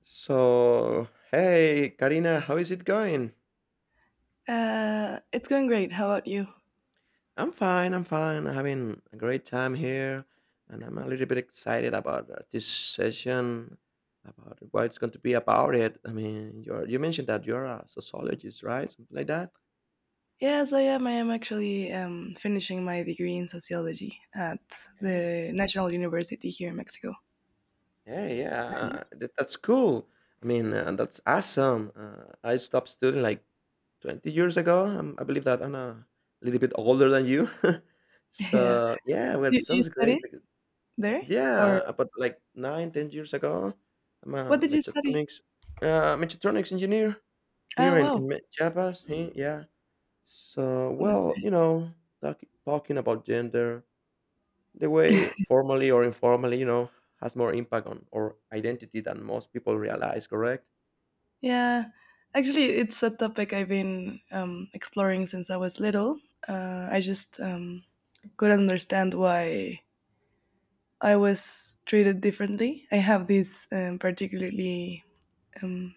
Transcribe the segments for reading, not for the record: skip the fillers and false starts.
So, hey, Karina, how is it going? It's going great. How about you? I'm fine. I'm having a great time here, and I'm a little bit excited about this session, about what it's going to be about it. I mean, you mentioned that you're a sociologist, right? Something like that. Yes, I am. I am actually finishing my degree in sociology at Hey. the National University here in Mexico. Yeah, that's cool. I mean, that's awesome. I stopped studying like 20 years ago. I believe that I'm a little bit older than you. Yeah. Yeah, well, You, it you sounds great. study there? Or Yeah, but like 9, 10 years ago, I'm what a did you study? mechatronics uh, mechatronics engineer here Oh, in, in wow. Me- Chiapas. Yeah. So, That's well, great. you know, talking about gender, the way formally or informally, you know, has more impact on our identity than most people realize, correct? Yeah. Actually, it's a topic I've been exploring since I was little. I just couldn't understand why I was treated differently. I have this particularly um,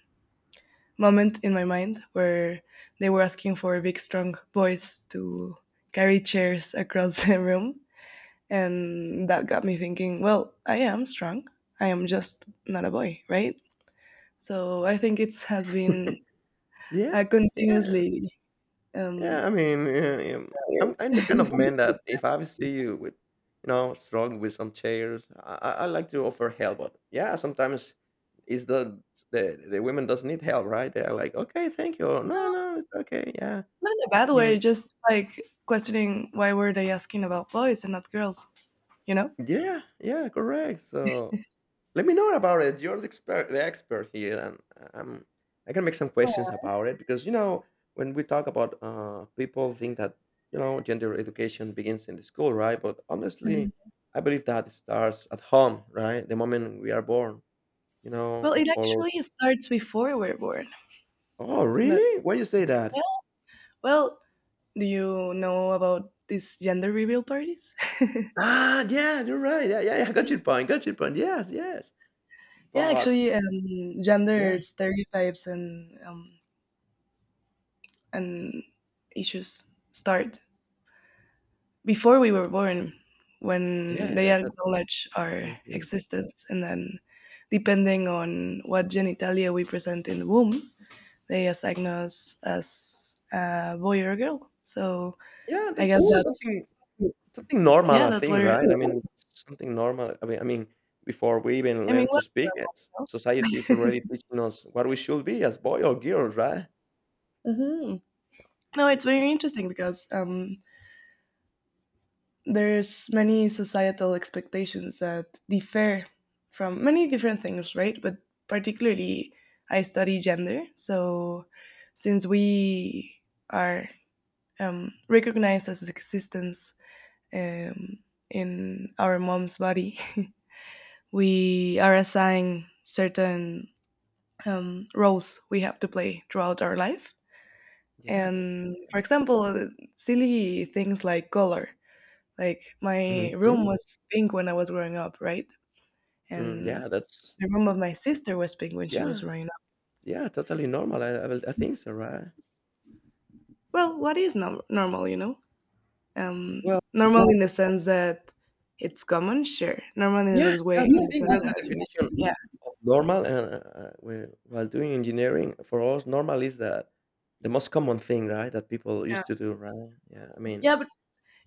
moment in my mind where they were asking for big, strong boys to carry chairs across the room. And that got me thinking, well, I am strong. I am just not a boy, right? So I think it has been Yeah, a yeah. continuously, um, Yeah, I mean, I'm the kind not of man that if I see you with, you know, strong with some chairs, I like to offer help. But yeah, sometimes it's the women does need help, right? They're like, okay, thank you. No, no, it's okay. Yeah, I in a bad mean, way, just like questioning why were they asking about boys and not girls, you know? yeah, yeah, correct. So let me know about it. You're the expert here, and um, I can make some questions about it because you know when we talk about people think that you know gender education begins in the school, right? But honestly, I believe that it starts at home, right? The moment we are born, you know, Well, the it colors. actually starts before we're born. Oh, really? That's Why you say that? Yeah. Well, do you know about these gender reveal parties? Ah, yeah, you're right. Yeah, yeah, yeah. Got your point. Got your point. Yes, yes. Yeah, But actually, yeah, gender stereotypes and and issues start before we were born, when yeah, they acknowledge our mhm. existence, and then depending on what genitalia we present in the womb, they assign us as a boy or a girl. So Yeah. I That's guess that's, something. Something normal, yeah, I that's think, where, right? I mean, something normal. I mean, before we even I mean, learn to what's, speak, yes, society is already teaching us what we should be as boy or girl, right? hmm. No, it's Yeah, very interesting because there's many societal expectations that differ from many different things, right? But particularly, I study gender. So since we are recognized as existence um, in our mom's body, we are assigned certain roles we have to play throughout our life. yeah, that's And okay. for example, silly things like color, like my room Mhm. was pink when I was growing up, right? Mm, And yeah, that's the room of my sister was pink when she was yeah, growing up. yeah, totally normal. I think so, right? Well, what is normal, you know? Um, Well, normal in the sense that it's common, sure. Normal in yeah, this way, that's in the the thing. sense That's the that, definition yeah, of normal. And while doing engineering, for us, normal is that the most common thing, right? That people yeah, used to do, right? Yeah, I mean, yeah. But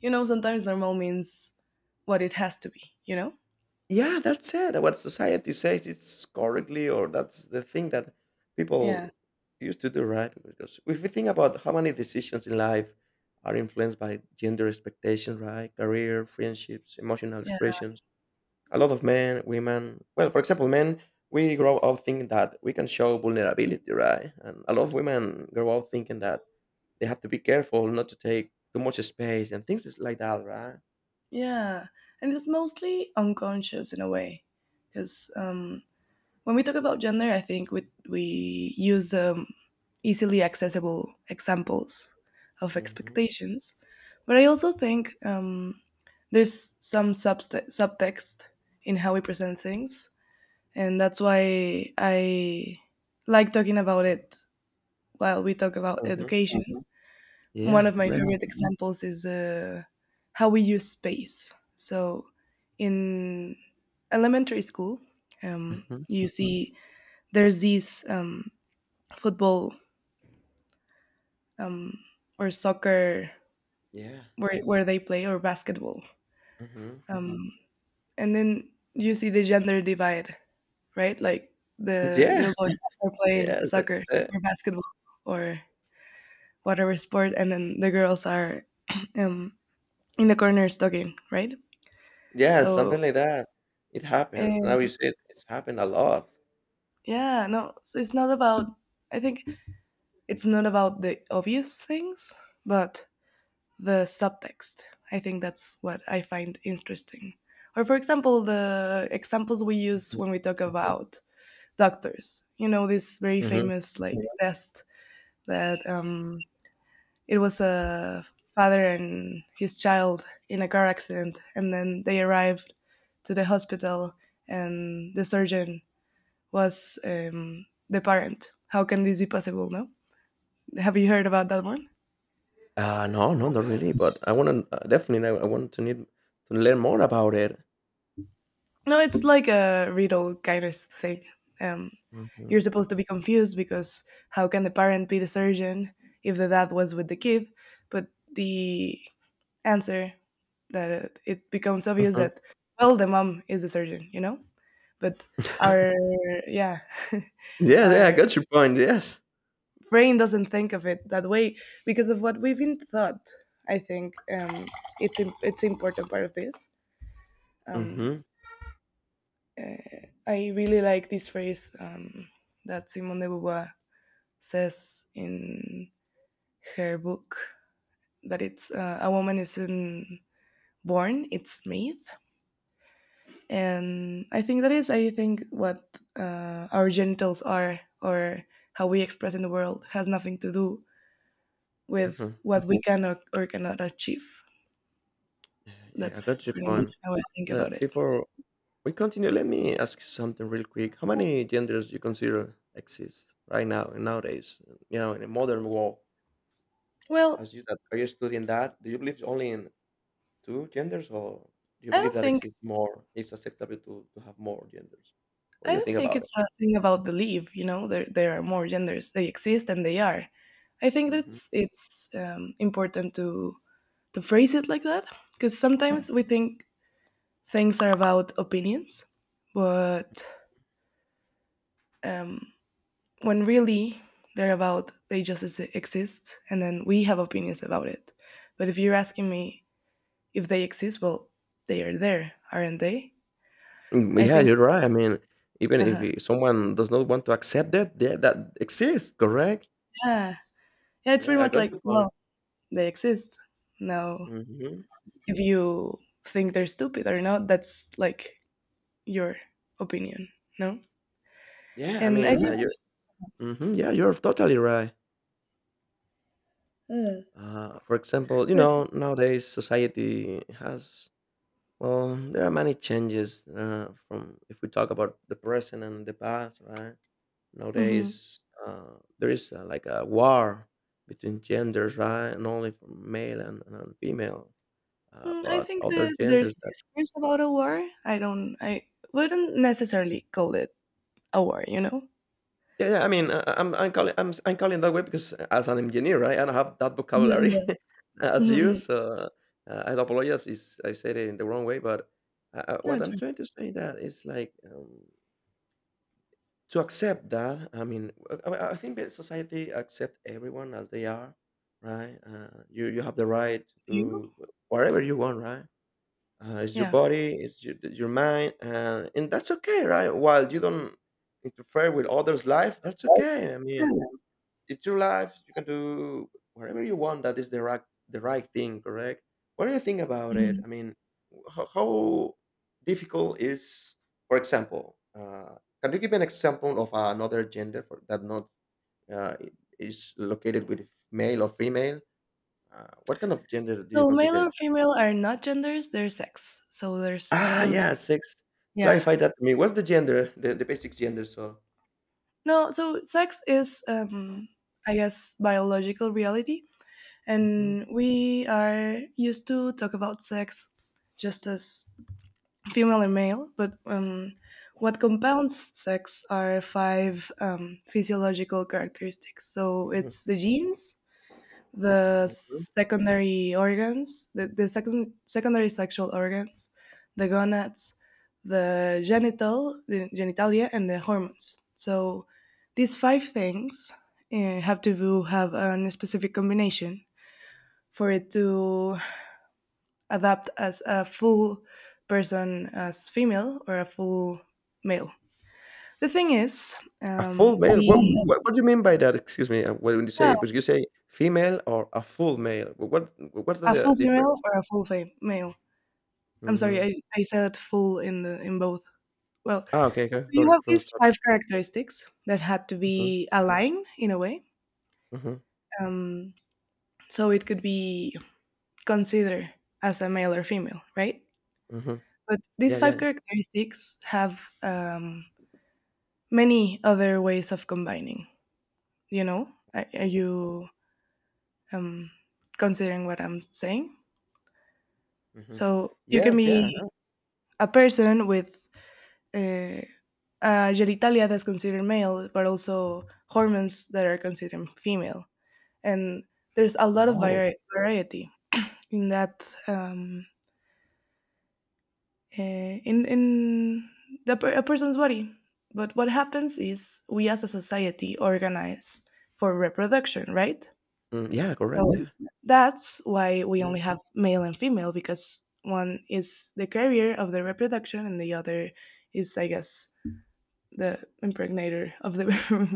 you know, sometimes normal means what it has to be, you know? yeah, that's it. What society says it's correctly, or that's the thing that Yeah, people used to do, right? Because if we think about how many decisions in life are influenced by gender expectation, right? Career, friendships, emotional yeah, expressions. A lot of men, women, well, for example, men, we grow up thinking that we can show vulnerability, right? And a lot of women grow up thinking that they have to be careful not to take too much space and things like that, right? yeah. And it's mostly unconscious in a way, because when we talk about gender, I think we use easily accessible examples of Hmm. expectations, but I also think there's some subtext in how we present things, and that's why I like talking about it while we talk about Hmm. education. One Yeah, of my correct. favorite examples is how we use space. So in elementary school, Hmm. you see there's these football, um, or soccer, Yeah. Where they play, or basketball, Mhm. um, and then you see the gender divide, right? Like the Yeah, little boys are playing yes, that's soccer it. or basketball or whatever sport, and then the girls are um, in the corners talking, right? Yeah, So, something like that. It happens. Now and you see it, it's happened a lot. yeah, no, so it's not about, I think, it's not about the obvious things, but the subtext. I think that's what I find interesting. Or, for example, the examples we use Mhm, when we talk about doctors. You know, this very mhm. famous like test that, it was a father and his child in a car accident, and then they arrived to the hospital, and the surgeon was the parent. How can this be possible? No, have you heard about that one? No, no, not really, but I wanna definitely, I want to learn more about it. No, it's like a riddle kind of thing. Um, you're Mhm, supposed to be confused because how can the parent be the surgeon if the dad was with the kid? But the answer, that it becomes obvious mhm. that, well, the mom is the surgeon, you know. But our, yeah, Yeah, yeah, I our got your point, yes. brain doesn't think of it that way because of what we've been taught. I think it's it's an important part of this. Um, Mhm, I really like this phrase, that Simone de Beauvoir says in her book, that it's, a woman isn't born, it's made. And I think that is, I think, what, our genitals are, or how we express in the world has nothing to do with mhm. what we can or cannot achieve. Yeah, yeah, I That's got your pretty much point. how I think Le about it. Before we continue, let me ask you something real quick. How many genders you consider exist right now, and nowadays, you know, in the modern world? Well, As you that are you studying that? Do you believe only in two genders, or do you I believe don't that think exists more? It's acceptable to have more genders. What do I you don't think think about it? it's a thing about belief. You know, there are more genders. They exist and they are. I think Hmm. that's, it's important to phrase it like that, because sometimes we think things are about opinions, but um, when really they're about, they just exist, and then we have opinions about it. But if you're asking me if they exist, well, they are there, aren't they? Mm, I yeah, think, you're right. I mean, even uh if huh, someone does not want to accept that, yeah, that exists, correct? yeah, yeah. It's pretty Yeah, I much got like, your point. well, they exist. Now, Hmm. if you think they're stupid or not, that's like your opinion. No. Yeah, I And I mean, you. think, Hmm. Yeah, you're totally right. For example, you know, nowadays society has well, there are many changes from if we talk about the present and the past, right? mhm. Nowadays, there is like a war between genders, right? And only for male and female, Mm, I but think other that there's genders that. discourse about a war, I don't, I wouldn't necessarily call it a war, you know. Yeah, yeah. I mean, I, I'm calling that way because as an engineer, right, I don't have that vocabulary Mhm, as mhm, you, mhm. so I apologize if I said it in the wrong way. But No, what it's I'm fine. trying to say that is like. To accept that, I mean, I think that society accept everyone as they are, right? You have the right You, to do whatever you want, right? It's your yeah. body, it's your mind, and that's okay, right? While you don't interfere with others' life, that's okay. I mean, it's your life. You can do whatever you want. That is the right thing, correct? What do you think about it? Mhm. I mean, how difficult is, for example, can you give an example of another gender for, that not uh, is located with male or female? What kind of gender do you So male consider? or female are not genders, they're sex. So there's Ah, yeah, sex. yeah, Clarify that to me. What's the gender, the basic gender? So. no, so sex is, I guess, biological reality, Mhm, and we are used to talk about sex just as female and male, but what compounds sex are five physiological characteristics. So it's mhm. the genes, the secondary organs, secondary sexual organs, the gonads, the genitalia, and the hormones. So these five things, have to do, have a specific combination for it to adapt as a full person as female or a full male. The thing is, A full male? we, What do you mean by that? Excuse me, what when you say yeah, would you say female or a full male? Wh what what's a the full female difference? or a full male. I'm sorry, Mhm. I said full in the in both. Well, Ah, so okay, okay, got you it. have So these sorry. five characteristics that had to Mhm, be aligned in a way, mhm, um, so it could be considered as a male or female, right? mhm. But Yeah, these yeah, five yeah. characteristics have many other ways of combining. You know, are Oh, you um, considering what I'm saying? mhm. So you can Yes, yeah, I be know. a person with uh, genitalia that's considered male but also hormones that are considered female, and there's a lot of Oh. Variety in that, in the, a person's body. But what happens is, we as a society organize for reproduction, right? Mm, yeah, correct, So yeah. that's why we only have male and female, because one is the carrier of the reproduction and the other is, I guess, the impregnator of the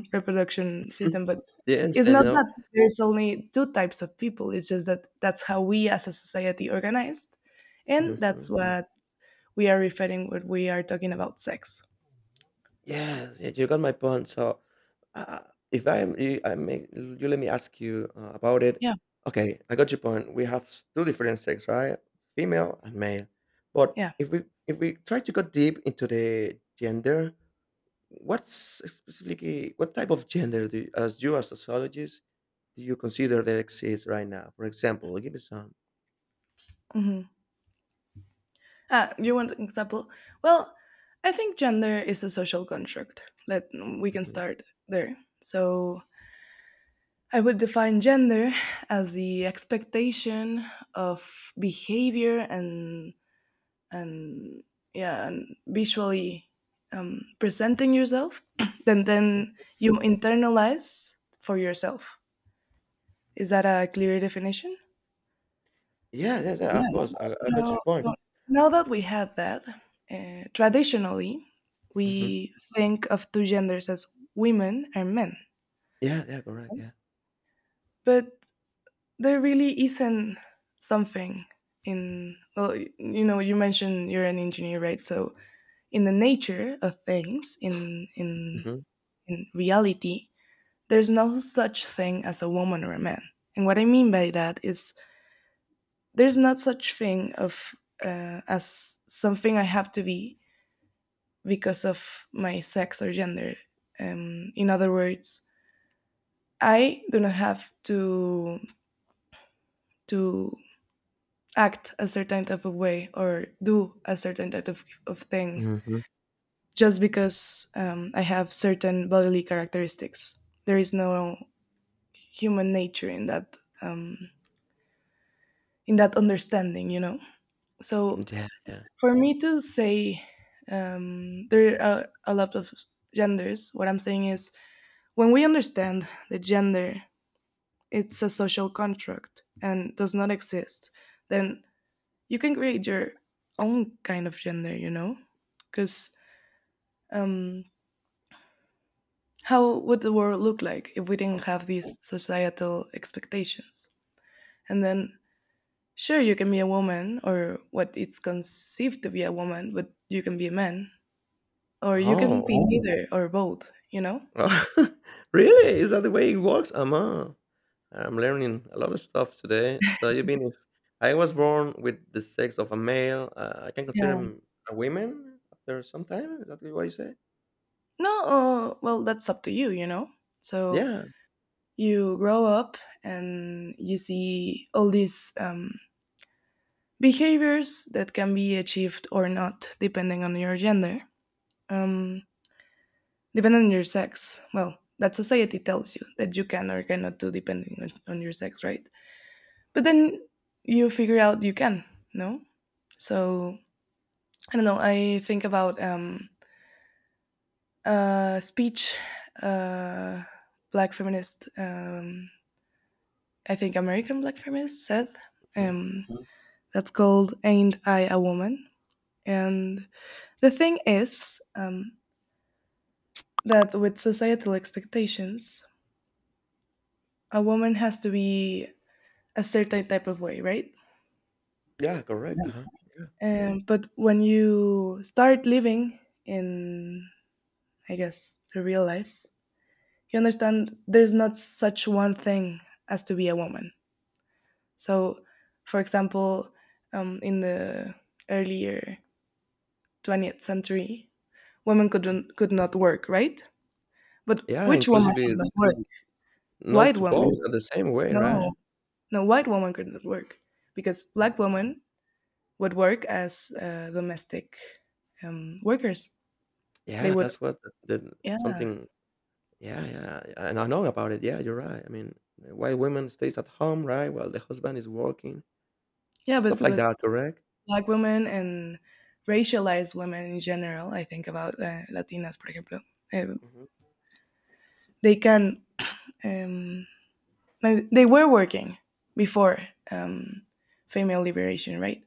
reproduction system. But Yes, it's I not know. that there's only two types of people, it's just that that's how we as a society organized. And Mhm. that's what we are referring when we are talking about sex. Yes, yeah, you got my point. So, uh, if I'm, you, I make you let me ask you about it. Yeah. Okay, I got your point. We have two different sex, right? Female and male. But Yeah. If we try to go deep into the gender, what's specifically what type of gender do you as sociologist do you consider that exists right now? For example, give me some. Mhm. Ah, you want an example? Well, I think gender is a social construct. Let, we can Mhm. start there. So I would define gender as the expectation of behavior and and yeah, and visually, presenting yourself, then you internalize for yourself. Is that a clear definition? Yeah, yeah, yeah. Of course, I got your No, point. so now that we had that, traditionally, Hmm. we think of two genders as women and men. Yeah, yeah, correct. Yeah. But there really isn't something, in, well, you know, you mentioned you're an engineer, right? So in the nature of things, Hmm. in reality, there's no such thing as a woman or a man. And what I mean by that is, there's not such thing of, as something I have to be because of my sex or gender. In other words, I do not have to to act a certain type of way or do a certain type of thing, Hmm. just because I have certain bodily characteristics. There is no human nature in that, um, in that understanding, you know. So Yeah, yeah. for me to say, there are a lot of genders, what I'm saying is, when we understand the gender, it's a social contract and does not exist, then you can create your own kind of gender, you know? Because um, how would the world look like if we didn't have these societal expectations? And then, sure, you can be a woman or what it's conceived to be a woman, but you can be a man, or you can Oh, be neither or both, you know? oh, really? Is that the way it works? I'm learning a lot of stuff today. So you mean if I was born with the sex of a male, I can consider Yeah. him a woman after some time? Is that what you say? No, well, that's up to you, you know? So Yeah. you grow up and you see all these behaviors that can be achieved or not depending on your gender, um, depending on your sex, well, that society tells you that you can or cannot do depending on your sex, right? But then you figure out you can. No, so I don't know, I think about, a speech, uh, black feminist, I think American black feminist said, Mhm. um, that's called Ain't I a Woman? And the thing is, that with societal expectations, a woman has to be a certain type of way, right? Yeah, correct. Uh-huh. Yeah. Yeah. But when you start living in, I guess, the real life, you understand there's not such one thing as to be a woman. So, for example, in the earlier 20th century, women Mhm. could not work, right? But Yeah, which woman inclusively could not work? no White to woman. both in the same way, right? No, no, white woman could not work because black Mhm. women would work as domestic workers. They Yeah, would, that's what the- yeah, something. Yeah, yeah, yeah, and I know about it. Yeah, you're right. I mean, why women stays at home, right? While the husband is working, yeah. stuff But like but that, correct? black women and racialized women in general. I think about Latinas, por ejemplo. eh, Mm-hmm. they can. Um, no, they were working before um, female liberation, right?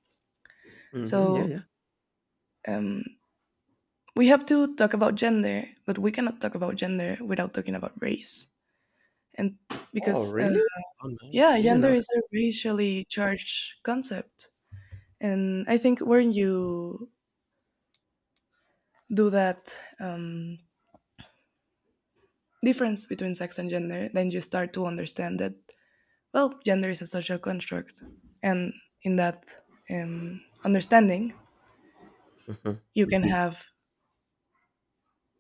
Mhm, yeah, So yeah. um, we have to talk about gender, but we cannot talk about gender without talking about race. And Oh, because, uh, really? Oh, man. I yeah, didn't gender know that. is a racially charged concept. And I think Mm, when you do that um, difference between sex and gender, then you start to understand that, well, gender is a social construct. And in that understanding, mhm. you can have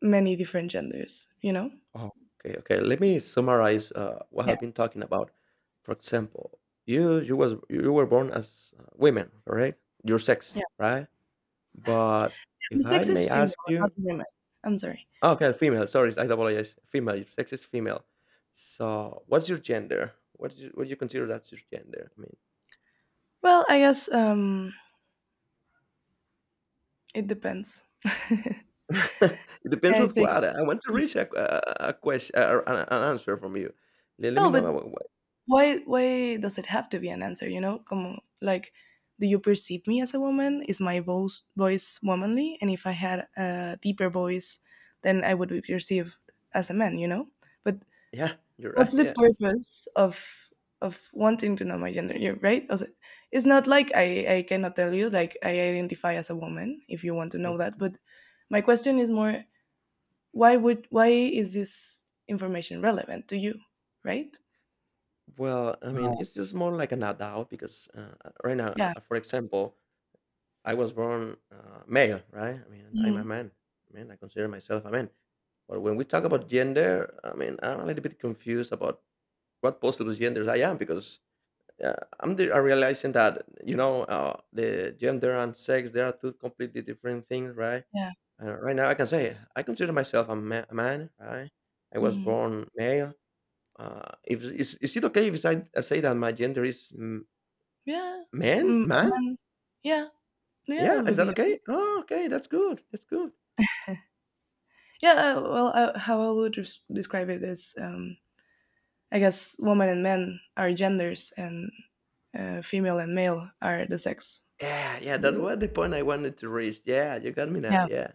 many different genders, you know? Oh, okay, okay. Let me summarize what Yeah. I've been talking about. For example, you were born as women, correct? Your sex, Yeah. right? But The if I sex is may female, ask not you, women. I'm sorry. oh, okay, female. Sorry, I apologize. Female. Your sex is female. So, what's your gender? What do you consider that's your gender? I mean, Well, I guess it depends. it depends I on think. what. I want to reach a question, a- an answer from you. Let, let me Well, know. but why? Why does it have to be an answer? You know, como like, do you perceive me as a woman? Is my voice womanly? And if I had a deeper voice, then I would be perceived as a man. You know. But Yeah, you're right, what's the yes. purpose of wanting to know my gender? You're right. O sea, it's not like I cannot tell you like I identify as a woman if you want to know Mhm. that. But my question is more why is this information relevant to you, right? Well, I mean, Wow. it's just more like an adult because, right now, Yeah. For example, I was born, male, right? I mean, I'm a Mhm. man. I mean, I consider myself a man. But when we talk about gender, I mean, I'm a little bit confused about what possible genders I am because, uh, I'm realizing that, you know, the gender and sex, they are 2 completely different things, right? Yeah. And right now I can say I consider myself a man, right? I was Hmm. born male. If is Is it okay if I say that my gender is Yeah. man? Mm, and Man? then, yeah, yeah, Yeah, that is would that be okay? Oh, okay, that's good. That's good. yeah. Well how I would describe it is I guess women and men are genders and female and male are the sex. Yeah, yeah, that's So, what the point I wanted to reach. Yeah, you got me now. yeah, Yeah.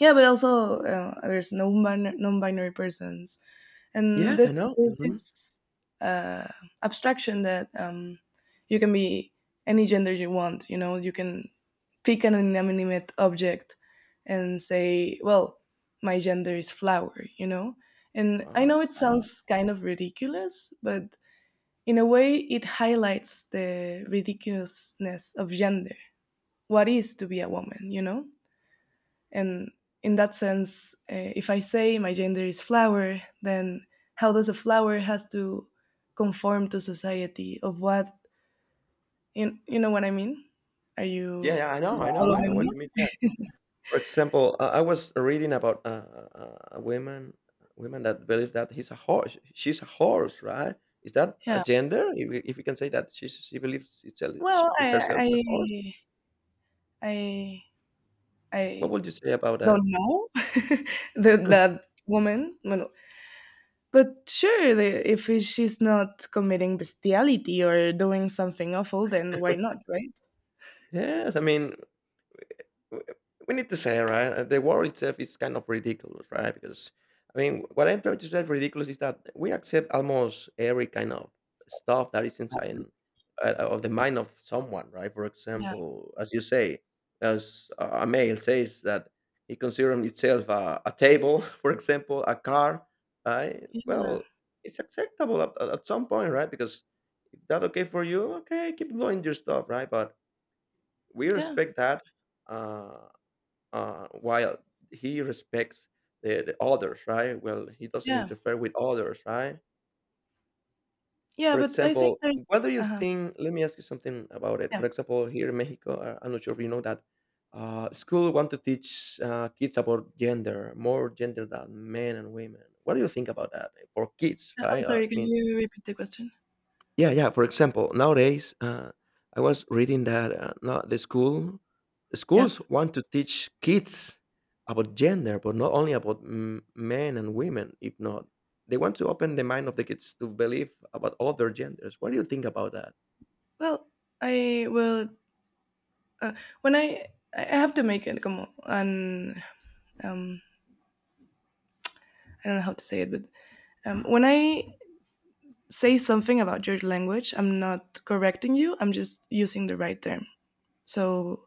yeah, but also there's no non-binary persons. And Yes, I that know. there's Hmm. this uh, abstraction that you can be any gender you want. You know, you can pick an inanimate object and say, "Well, my gender is flower." You know, and I Um, know it sounds kind of ridiculous, but in a way, it highlights the ridiculousness of gender. What is to be a woman? You know. And in that sense, if I say my gender is flower, then how does a flower has to conform to society? Of what you know what I mean? Are yeah, you yeah, I know following what you mean. me? Yeah. For example, I was reading about uh, a woman, women that believe that he's a horse. She's a horse, right? Is that a Yeah. gender? If we can say that she believes itself, she, Well, herself a horse. I, What I would you say about don't that? know. That woman. Well, but sure, the, if she's not committing bestiality or doing something awful, then why not, right? Yes, I mean w- we need to say, right, the world itself is kind of ridiculous, right? Because I mean, what I'm trying to say ridiculous is that we accept almost every kind of stuff that is inside of the mind of someone, right? For Yeah. example, as you say, as a male says that he considers himself a table for example a car, right? Yeah. Well, it's acceptable at some point, right? Because if that okay for you, okay, keep going your stuff, right? But we Yeah. respect that, uh, while he respects the others, right? Well, he doesn't Yeah. interfere with others, right? Yeah, For but I think example, there's what do you uh-huh. think? Let me ask you something about it. Yeah. For example, here in Mexico, I'm not sure if you know that school want to teach kids about gender, more gender than men and women. What do you think about that, eh, for kids, I'm right? Uh, sorry, I can mean, you repeat the question? yeah, yeah. For example, nowadays, I was reading that now the Yeah. schools want to teach kids about gender, but not only about men and women. If not, they want to open the mind of the kids to believe about other genders. What do you think about that? Well, I will, uh, when I have to make it come on, um I don't know how to say it, but when I say something about your language, I'm not correcting you. I'm just using the right term. So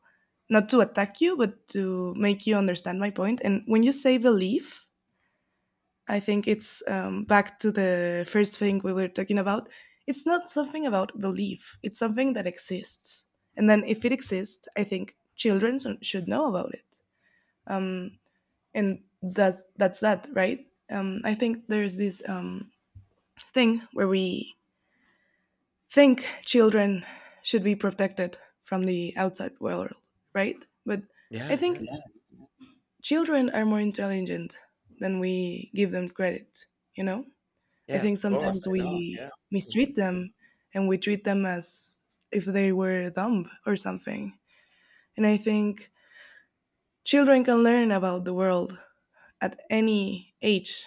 not to attack you, but to make you understand my point. And when you say believe, I think it's back to the first thing we were talking about. It's not something about belief, it's something that exists. And then if it exists, I think should know about it. Um, and that's that, right? I think there's this thing where we think children should be protected from the outside world, right? But I Yeah, think yeah, yeah, children are more intelligent than we give them credit, you know? I yeah. think Of course, sometimes I we know. Yeah. Mm-hmm. mistreat them and we treat them as if they were dumb or something. And I think children can learn about the world at any age,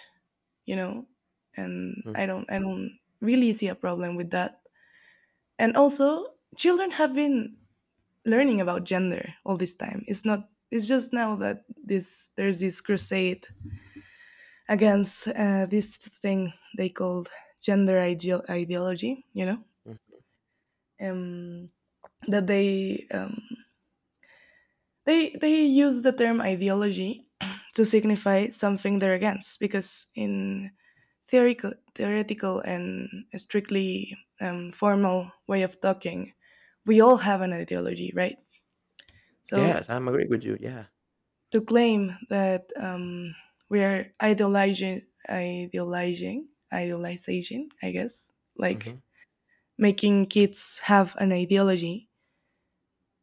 you know. And I don't really see a problem with that. And also, children have been learning about gender all this time. It's not It's just now that this there's this crusade against this thing they called ideology, you know. hmm Um that they, they use the term ideology to signify something they're against because in theoretical and strictly formal way of talking, we all have an ideology, right? So Yes, I'm agree with you. Yeah. to claim that we are ideolizing idealization, I guess, like hmm making kids have an ideology,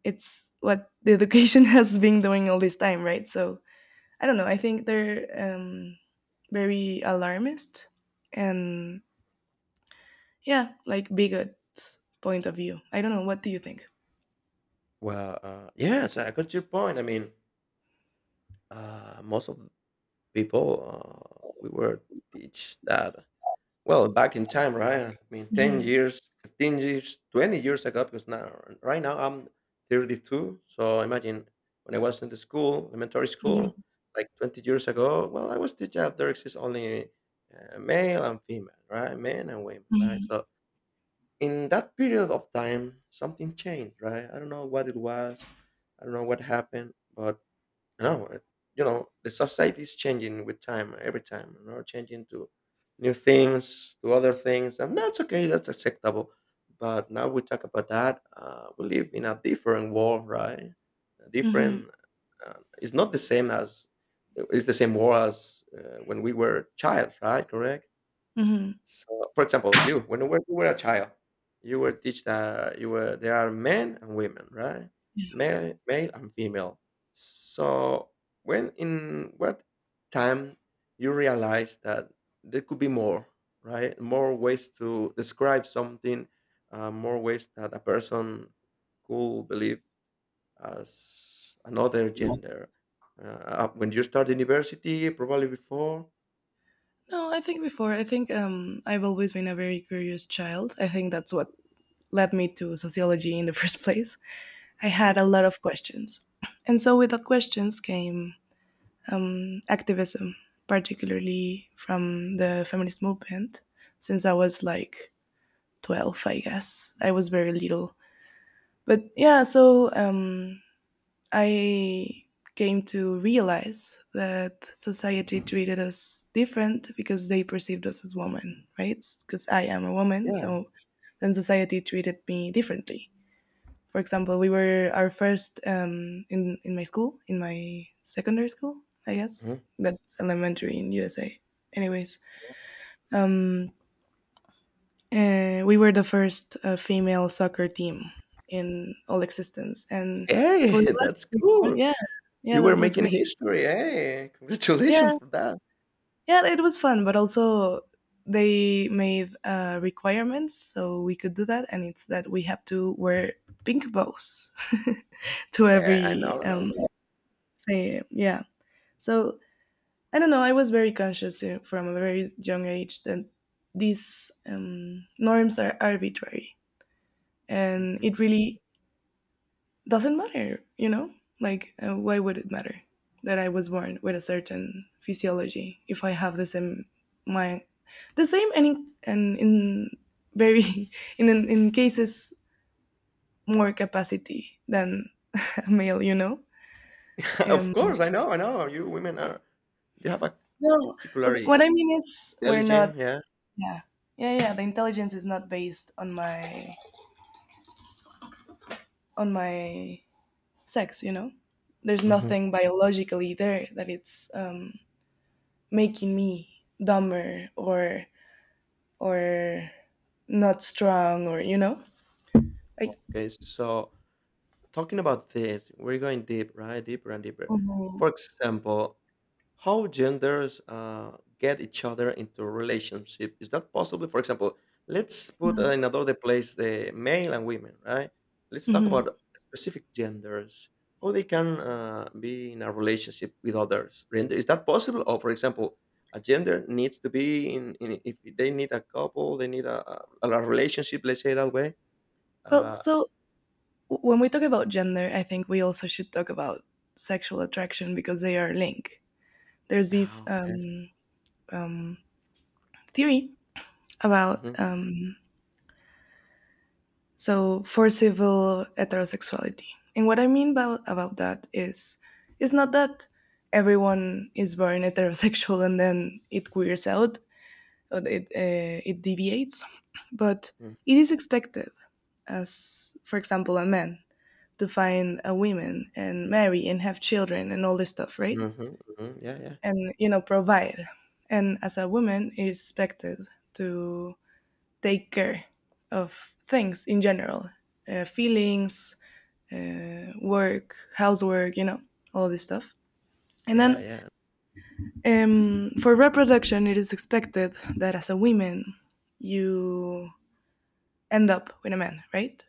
it's what the education has been doing all this time, right? So I don't know. I think they're um, very alarmist and yeah, like bigot point of view. I don't know. What do you think? Well, yes, I got your point. I mean, most of people, we were teach that. Well, back in time, right? I mean, 10 Hmm. years, 15 years, 20 years ago, because now, right now, I'm 32. So imagine when I was in the school, elementary school, Hmm. like 20 years ago, well, I was teaching there exists only male and female, right? Men and women, right? So in that period of time, something changed, right? I don't know what it was. I don't know what happened, but no, you know, the society is changing with time, every time, you know, changing to new things, to other things, and that's okay, that's acceptable. But now we talk about that. We live in a different world, right? A Hmm. different. Uh, it's not the same as. It's the same world as when we were child, right? Correct. Hmm. So, for example, you, when you were a child, you were teach that you were there are men and women, right? Male and female. So, when in what time you realize that there could be more, right? More ways to describe something, more ways that a person could believe as another gender. Uh, when you start university, probably before. No, I think before. I think I've always been a very curious child. I think that's what led me to sociology in the first place. I had a Mhm, lot of questions, and so with the questions came activism, particularly from the feminist movement, since I was mhm. like 12, I guess. I was very little. But yeah, so I came to realize that society treated us different because they perceived us as women, right? Because I am a woman, Yeah. so then society treated me differently. For example, we were our first, in my school, in my secondary school, I guess. Mm-hmm. That's elementary in USA. Anyways, um, we were the first female soccer team in all existence, and Hey, for that that's to be done, cool. yeah, yeah, You were that was making great. history. Hey, Yeah, congratulations for that. yeah, it was fun, but also they made requirements so we could do that, and it's that we have to wear pink bows to Yeah, I every know, I know. Say yeah. So I don't know. I was very conscious from a very young age that these norms are arbitrary, and Mhm. it really doesn't matter, you know? Like, why would it matter that I was born with a certain physiology if I have the same my the same and and in very in cases more capacity than a male, you know? Of Um, course, I know, I know. You women are, you have a no, what particularly I mean is we're not. intelligent, yeah. Yeah, yeah, yeah. The intelligence is not based on my on my sex, you know. There's Mhm. nothing biologically there that it's making me dumber or not strong, or you know, like Okay, so talking about this, we're going deep, right? Deeper and deeper. Mhm. For example, how genders get each other into relationship, is that possible? For example, let's put in Mhm. another place the male and women, right? Let's talk Mhm. about specific genders, how they can be in a relationship with others. Render- is that possible? Or for example, a gender needs to be in if they need a couple, they need a relationship, let's say that way, Well, uh, so when we talk about gender, I think we also should talk about sexual attraction because they are linked. There's yeah. this um, theory about Hmm. So forcible heterosexuality, and what I mean about that is it's not that everyone is born heterosexual and then it queers out or it deviates, but it is expected, as for example, a man to find a woman and marry and have children and all this stuff, right? Hmm. Hmm. Yeah, yeah, And you know, provide. And as a woman, it is expected to take care of things in general, feelings, work, housework, you know, all this stuff. And yeah, then yeah. For reproduction, it is expected that as a woman, you end up with a man, right?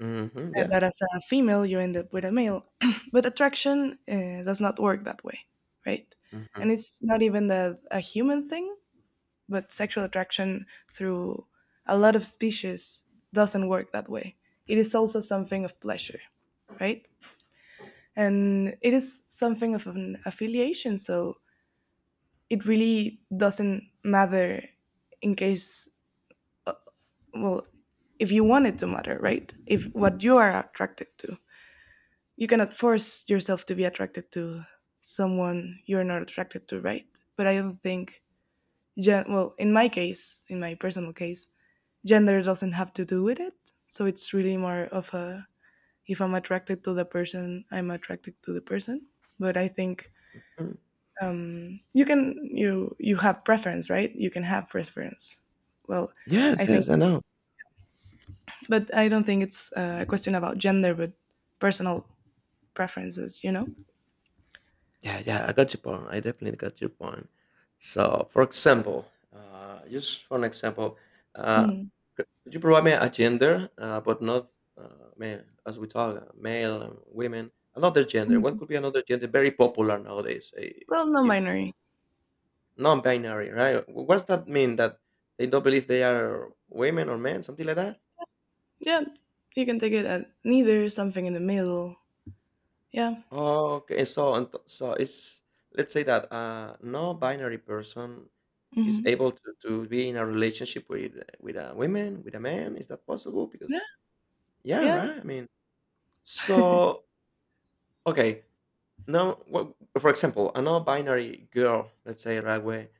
Hmm. Yeah. But as a female, you end up with a male. But attraction does not work that way, right? Hmm. And it's not even a human thing, but sexual attraction through a lot of species doesn't work that way. It is also something of pleasure, right? And it is something of an affiliation, so it really doesn't matter in case, well, if you want it to matter, right? If what you are attracted to. You cannot force yourself to be attracted to someone you're not attracted to, right? But I don't think, well, in my case, in my personal case, gender doesn't have to do with it. So it's really more of a, if I'm attracted to the person, I'm attracted to the person. But I think you have preference, right? You can have preference. Well, Yes, I think, yes, I know. but I don't think it's a question about gender, but personal preferences. You know. Yeah, yeah, I got your point. I definitely got your point. So, for example, just for an example, uh, Mhm. could you provide me a gender, but not man, as we talk, male and women, another gender. What Mhm. could be another gender? Very popular nowadays, eh, Well, if- non-binary. non-binary, right? What's that mean? That they don't believe they are women or men, something like that? Yeah, you can take it at neither, something in the middle. Yeah. Okay, so and so it's, let's say that a non-binary person is Hmm. able to be in a relationship with a woman with a man, is that possible? Yeah. Because yeah, Yeah. right, I mean, so okay, now what, for example, a non-binary girl, let's say right way,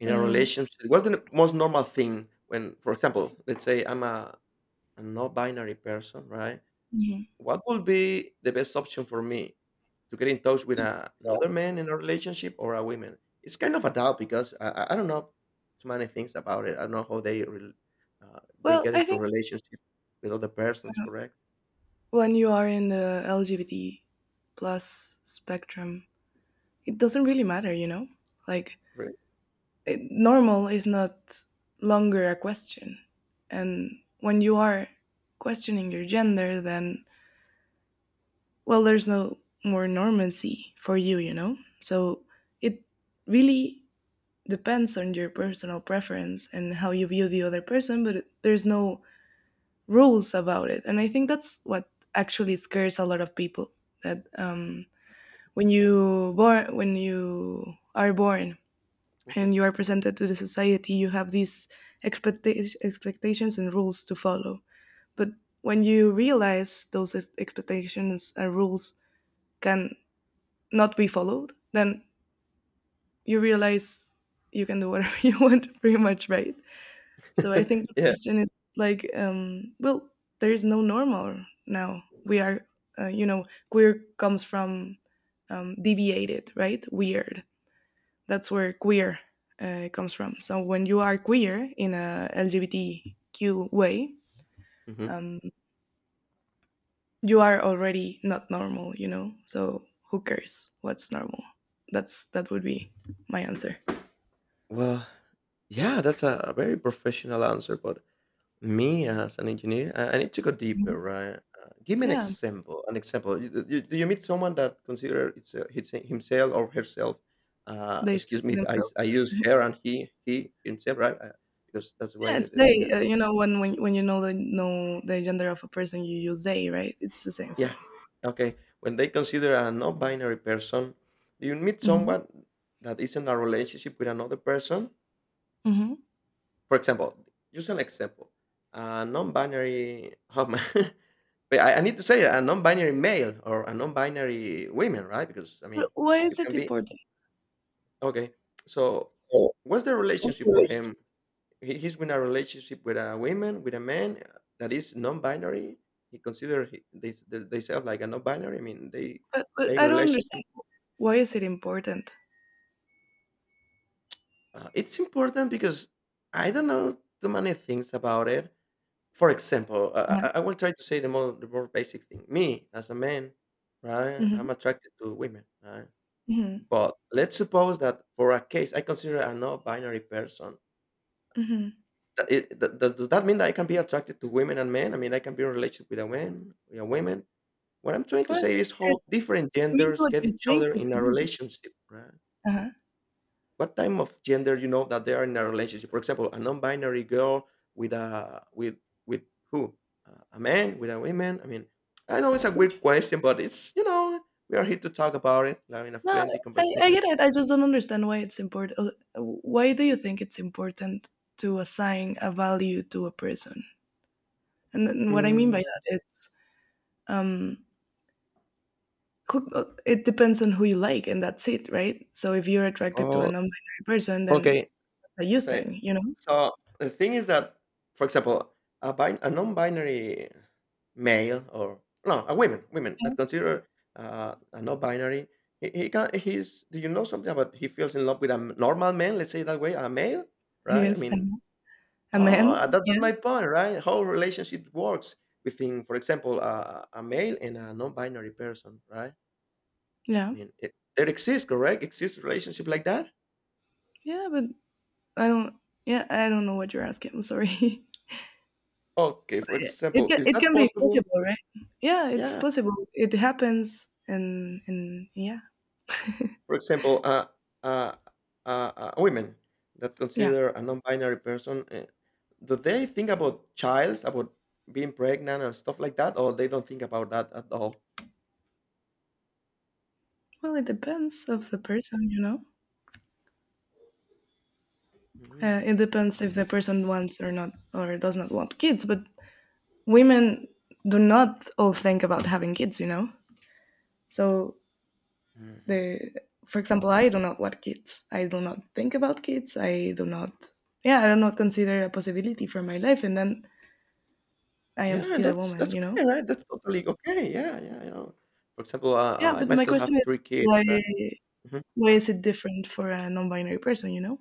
in a Mm. relationship, what's the most normal thing when, for example, let's say I'm a non-binary person, right? Mhm. What would be the best option for me to get in touch with another man in a relationship or a woman? It's kind of a doubt because I don't know too many things about it. I don't know how they rel uh, they Well, get I into think relationship with other persons. Correct? when you are in the LGBT plus spectrum, it doesn't really matter, you know? Like, Correct. it, normal is not longer a question. And when you are questioning your gender, then, well, there's no more normancy for you, you know? So it really depends on your personal preference and how you view the other person, but there's no rules about it. And I think that's what actually scares a lot of people that when you are born Mhm. and you are presented to the society, you have these expectations and rules to follow. But when you realize those expectations and rules can not be followed, then you realize you can do whatever you want, pretty much, right? So I think the Yeah. question is like, well, there is no normal now. We are, you know, queer comes from deviated, right? Weird. That's where queer comes from. So when you are queer in a LGBTQ way, hmm um, you are already not normal, you know. So who cares what's normal? That would be my answer. Well, yeah, that's a very professional answer, but me as an engineer, I need to go deeper, Mhm. right? Give me an Yeah, example. An example. Do you meet someone that consider it's himself or herself? They said Excuse me, themselves. I use her and he, himself, right? Because that's why Yeah, it's the thing. they. You know, when you know the gender of a person, you use they, right? It's the same Yeah. thing. Okay. When they consider a non-binary person, do you meet Hmm. someone that is in a relationship with another person? Hmm. For example, use an example. A non-binary. Oh man. Wait, I need to say a non-binary male or a non-binary women, right? Because I mean, Why you is can it be, important? okay. So, Oh, what's the what relationship for relation? him? He, he's in a relationship with a woman, with a man that is non-binary. He consider he, they themselves like a non-binary. I mean, they But make I don't relationship. understand. Why is it important? It's important because I don't know too many things about it. For example, I will try to say the more basic thing. Me as a man, right? Mm-hmm. I'm attracted to women, right? Hmm. But let's suppose that for a case I consider a non-binary person. Hmm. That it, that, does that mean that I can be attracted to women and men? I mean, I can be in a relationship with a man, with a woman. What I'm trying to Well, say is it how different means genders what get you each think other it in a means. relationship, right? Uh-huh. What type of gender you know that they are in a relationship? For example, a non-binary girl with a with with who? A man with a woman. I mean, I know it's a weird question, but it's, you know, we are here to talk about it, having a No, friendly I conversation. get it. I just don't understand why it's important. Why do you think it's important to assign a value to a person? And what I mean by Mm, that, it's um, cook it depends on who you like and that's it, right? So if you're attracted to a oh, non-binary person, then okay. that's a you Okay. thing, you know. So the thing is that, for example, a non-binary male or no, a woman, women that Yeah. consider a non-binary, he can he's. Do you know something about he feels in love with a normal man? Let's say that way, a male, right? I Yes, I mean, know. A oh, man, that, that's yeah. my point, right? How relationship works between, for example, a male and a non-binary person, right? I Yeah, mean, it, there exists, correct? Exists relationship like that? yeah, but I don't yeah, I don't know what you're asking, I'm sorry. Okay. But For yeah, example, is it that can be possible? possible, right? Yeah, it's Yeah. possible, it happens, and and yeah, For example, uh, women that yeah. consider a non-binary person, do they think about childs, about being pregnant and stuff like that, or they don't think about that at all? Well, it depends of the person, you know. Mm. It depends if Uh, the person wants or not, or does not want kids, but women do not all think about having kids, you know. So mhm. the, for example, I do not want kids. I do not think about kids. I do not Yeah, I do not consider a possibility for my life, and then I am Yeah, still a that's woman, that's you know? okay, right? That's totally okay. Yeah, yeah, you know. For example, Yeah, I but my myself question have three is kids, right? why is it different for a non binary person, you know?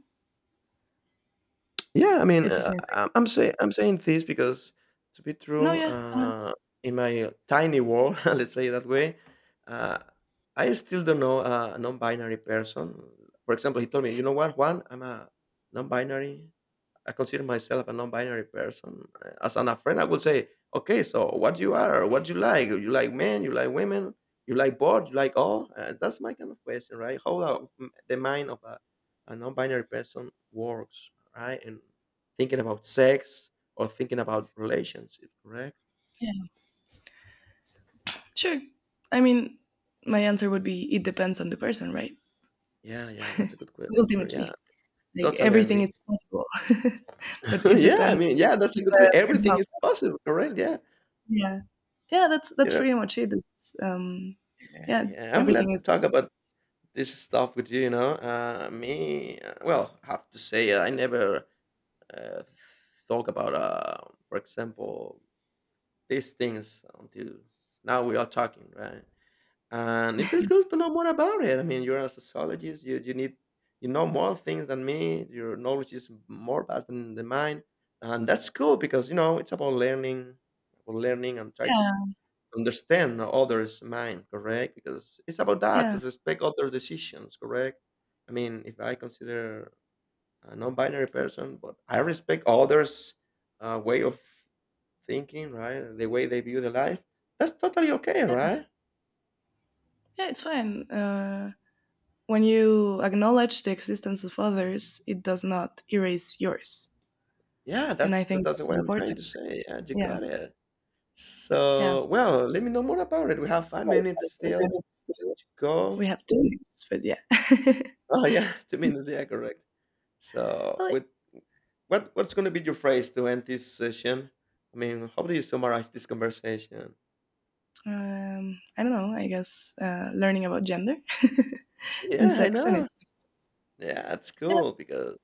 Yeah, I mean, It's the same thing. I'm saying this because to be No, true, yeah. In my tiny world, let's say it that way, uh, I still don't know a non-binary person. For example, he told me, "You know what, Juan? I'm a non-binary. I consider myself a non-binary person. As an, a friend, I would say, okay, so what you are, what you like men, you like women, you like both, you like all. That's my kind of question, right? How the, mm, the mind of a non-binary person works, right? And thinking about sex or thinking about relationship, correct? Yeah. Sure. I mean, my answer would be it depends on the person, right? Yeah, yeah, that's a good answer. Ultimately. Yeah, Like totally everything, agree. it's possible. But it Yeah, I depends mean, yeah, that's on a good the question. Everything person. is possible, correct? Yeah, Yeah. Yeah, you that's know, pretty much it. It's, yeah, yeah, yeah. I'm glad everything to is talk about this stuff with you, you know. Well, I have to say, I never uh, thought about, for example, these things until now we are talking, right? And it feels good to know more about it. I mean, you're a sociologist. You need, you know more things than me. Your knowledge is more vast than mine, and that's cool because you know it's about learning and try to yeah, understand others' mind. Correct, because it's about that to yeah, respect other decisions. Correct. I mean, if I consider a non-binary person, but I respect others' way of thinking, right? The way they view the life. That's totally okay, yeah, right? yeah, it's fine. When you acknowledge the existence of others, it does not erase yours. Yeah, And that's I that think that's that's what I'm trying important. to say. Yeah, you Yeah, got it. yeah. So, well, let me know more about it. We have 5 minutes still to go. We have two names, but yeah. Oh, yeah, 2 minutes, yeah, correct. So, Well, with what what's gonna be your phrase to end this session? I mean, how do you summarize this conversation? I don't know, I guess learning about gender and Yeah, I sex and know. it's, Yeah, it's yeah, cool because,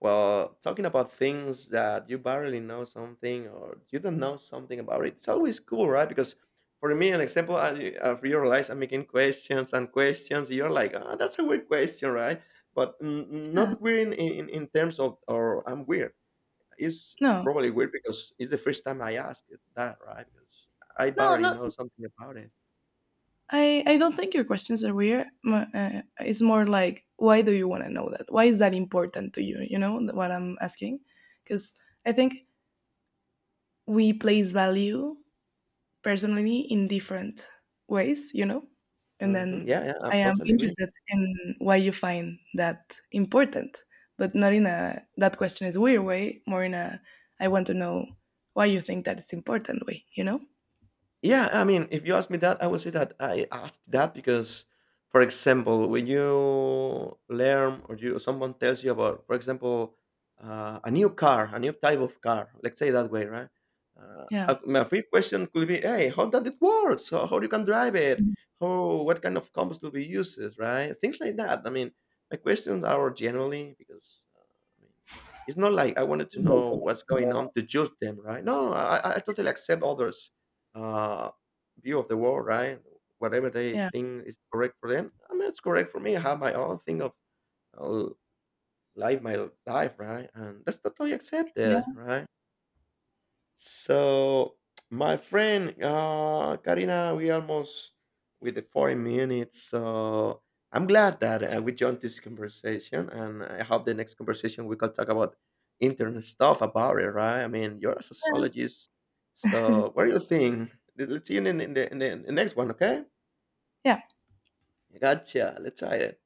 well, talking about things that you barely know something or you don't know something about it, it's always cool, right? Because for me, an example, I realize I'm making questions and questions. You're like, ah, that's a weird question, right? But mm, mm, yeah. not weird in terms of, or I'm weird. It's No, probably weird because it's the first time I asked it that, right? Because I no, barely not know something about it. I, I don't think your questions are weird. M- it's more like, why do you want to know that? Why is that important to you? You know what I'm asking? Because I think we place value personally in different ways, you know? And then Yeah, yeah, I I am totally agree. interested in why you find that important, but not in a that question is weird way, more in a I want to know why you think that it's important way, you know? Yeah, I mean, if you ask me that, I would say that I asked that because, for example, when you learn or you someone tells you about, for example, a new car, a new type of car, let's say that way, right? Yeah. My first question could be, hey, how does it work? So how you can drive it? How what kind of combos will be used, right? Things like that. I mean, my questions are generally because I mean, it's not like I wanted to Yeah. know what's going on to judge them, right? No, I totally accept others uh, view of the world, right? Whatever they Yeah. think is correct for them, I mean, it's correct for me. I have my own thing of uh, life, my life, right? And that's totally accepted, Yeah. right? So my friend Karina, we almost with the 40 minutes. So I'm glad that we joined this conversation, and I hope the next conversation we can talk about internet stuff about it, right? I mean, you're a sociologist, so what do you think? Let's see you in the, in the in the next one, okay? Yeah. Gotcha. Let's try it.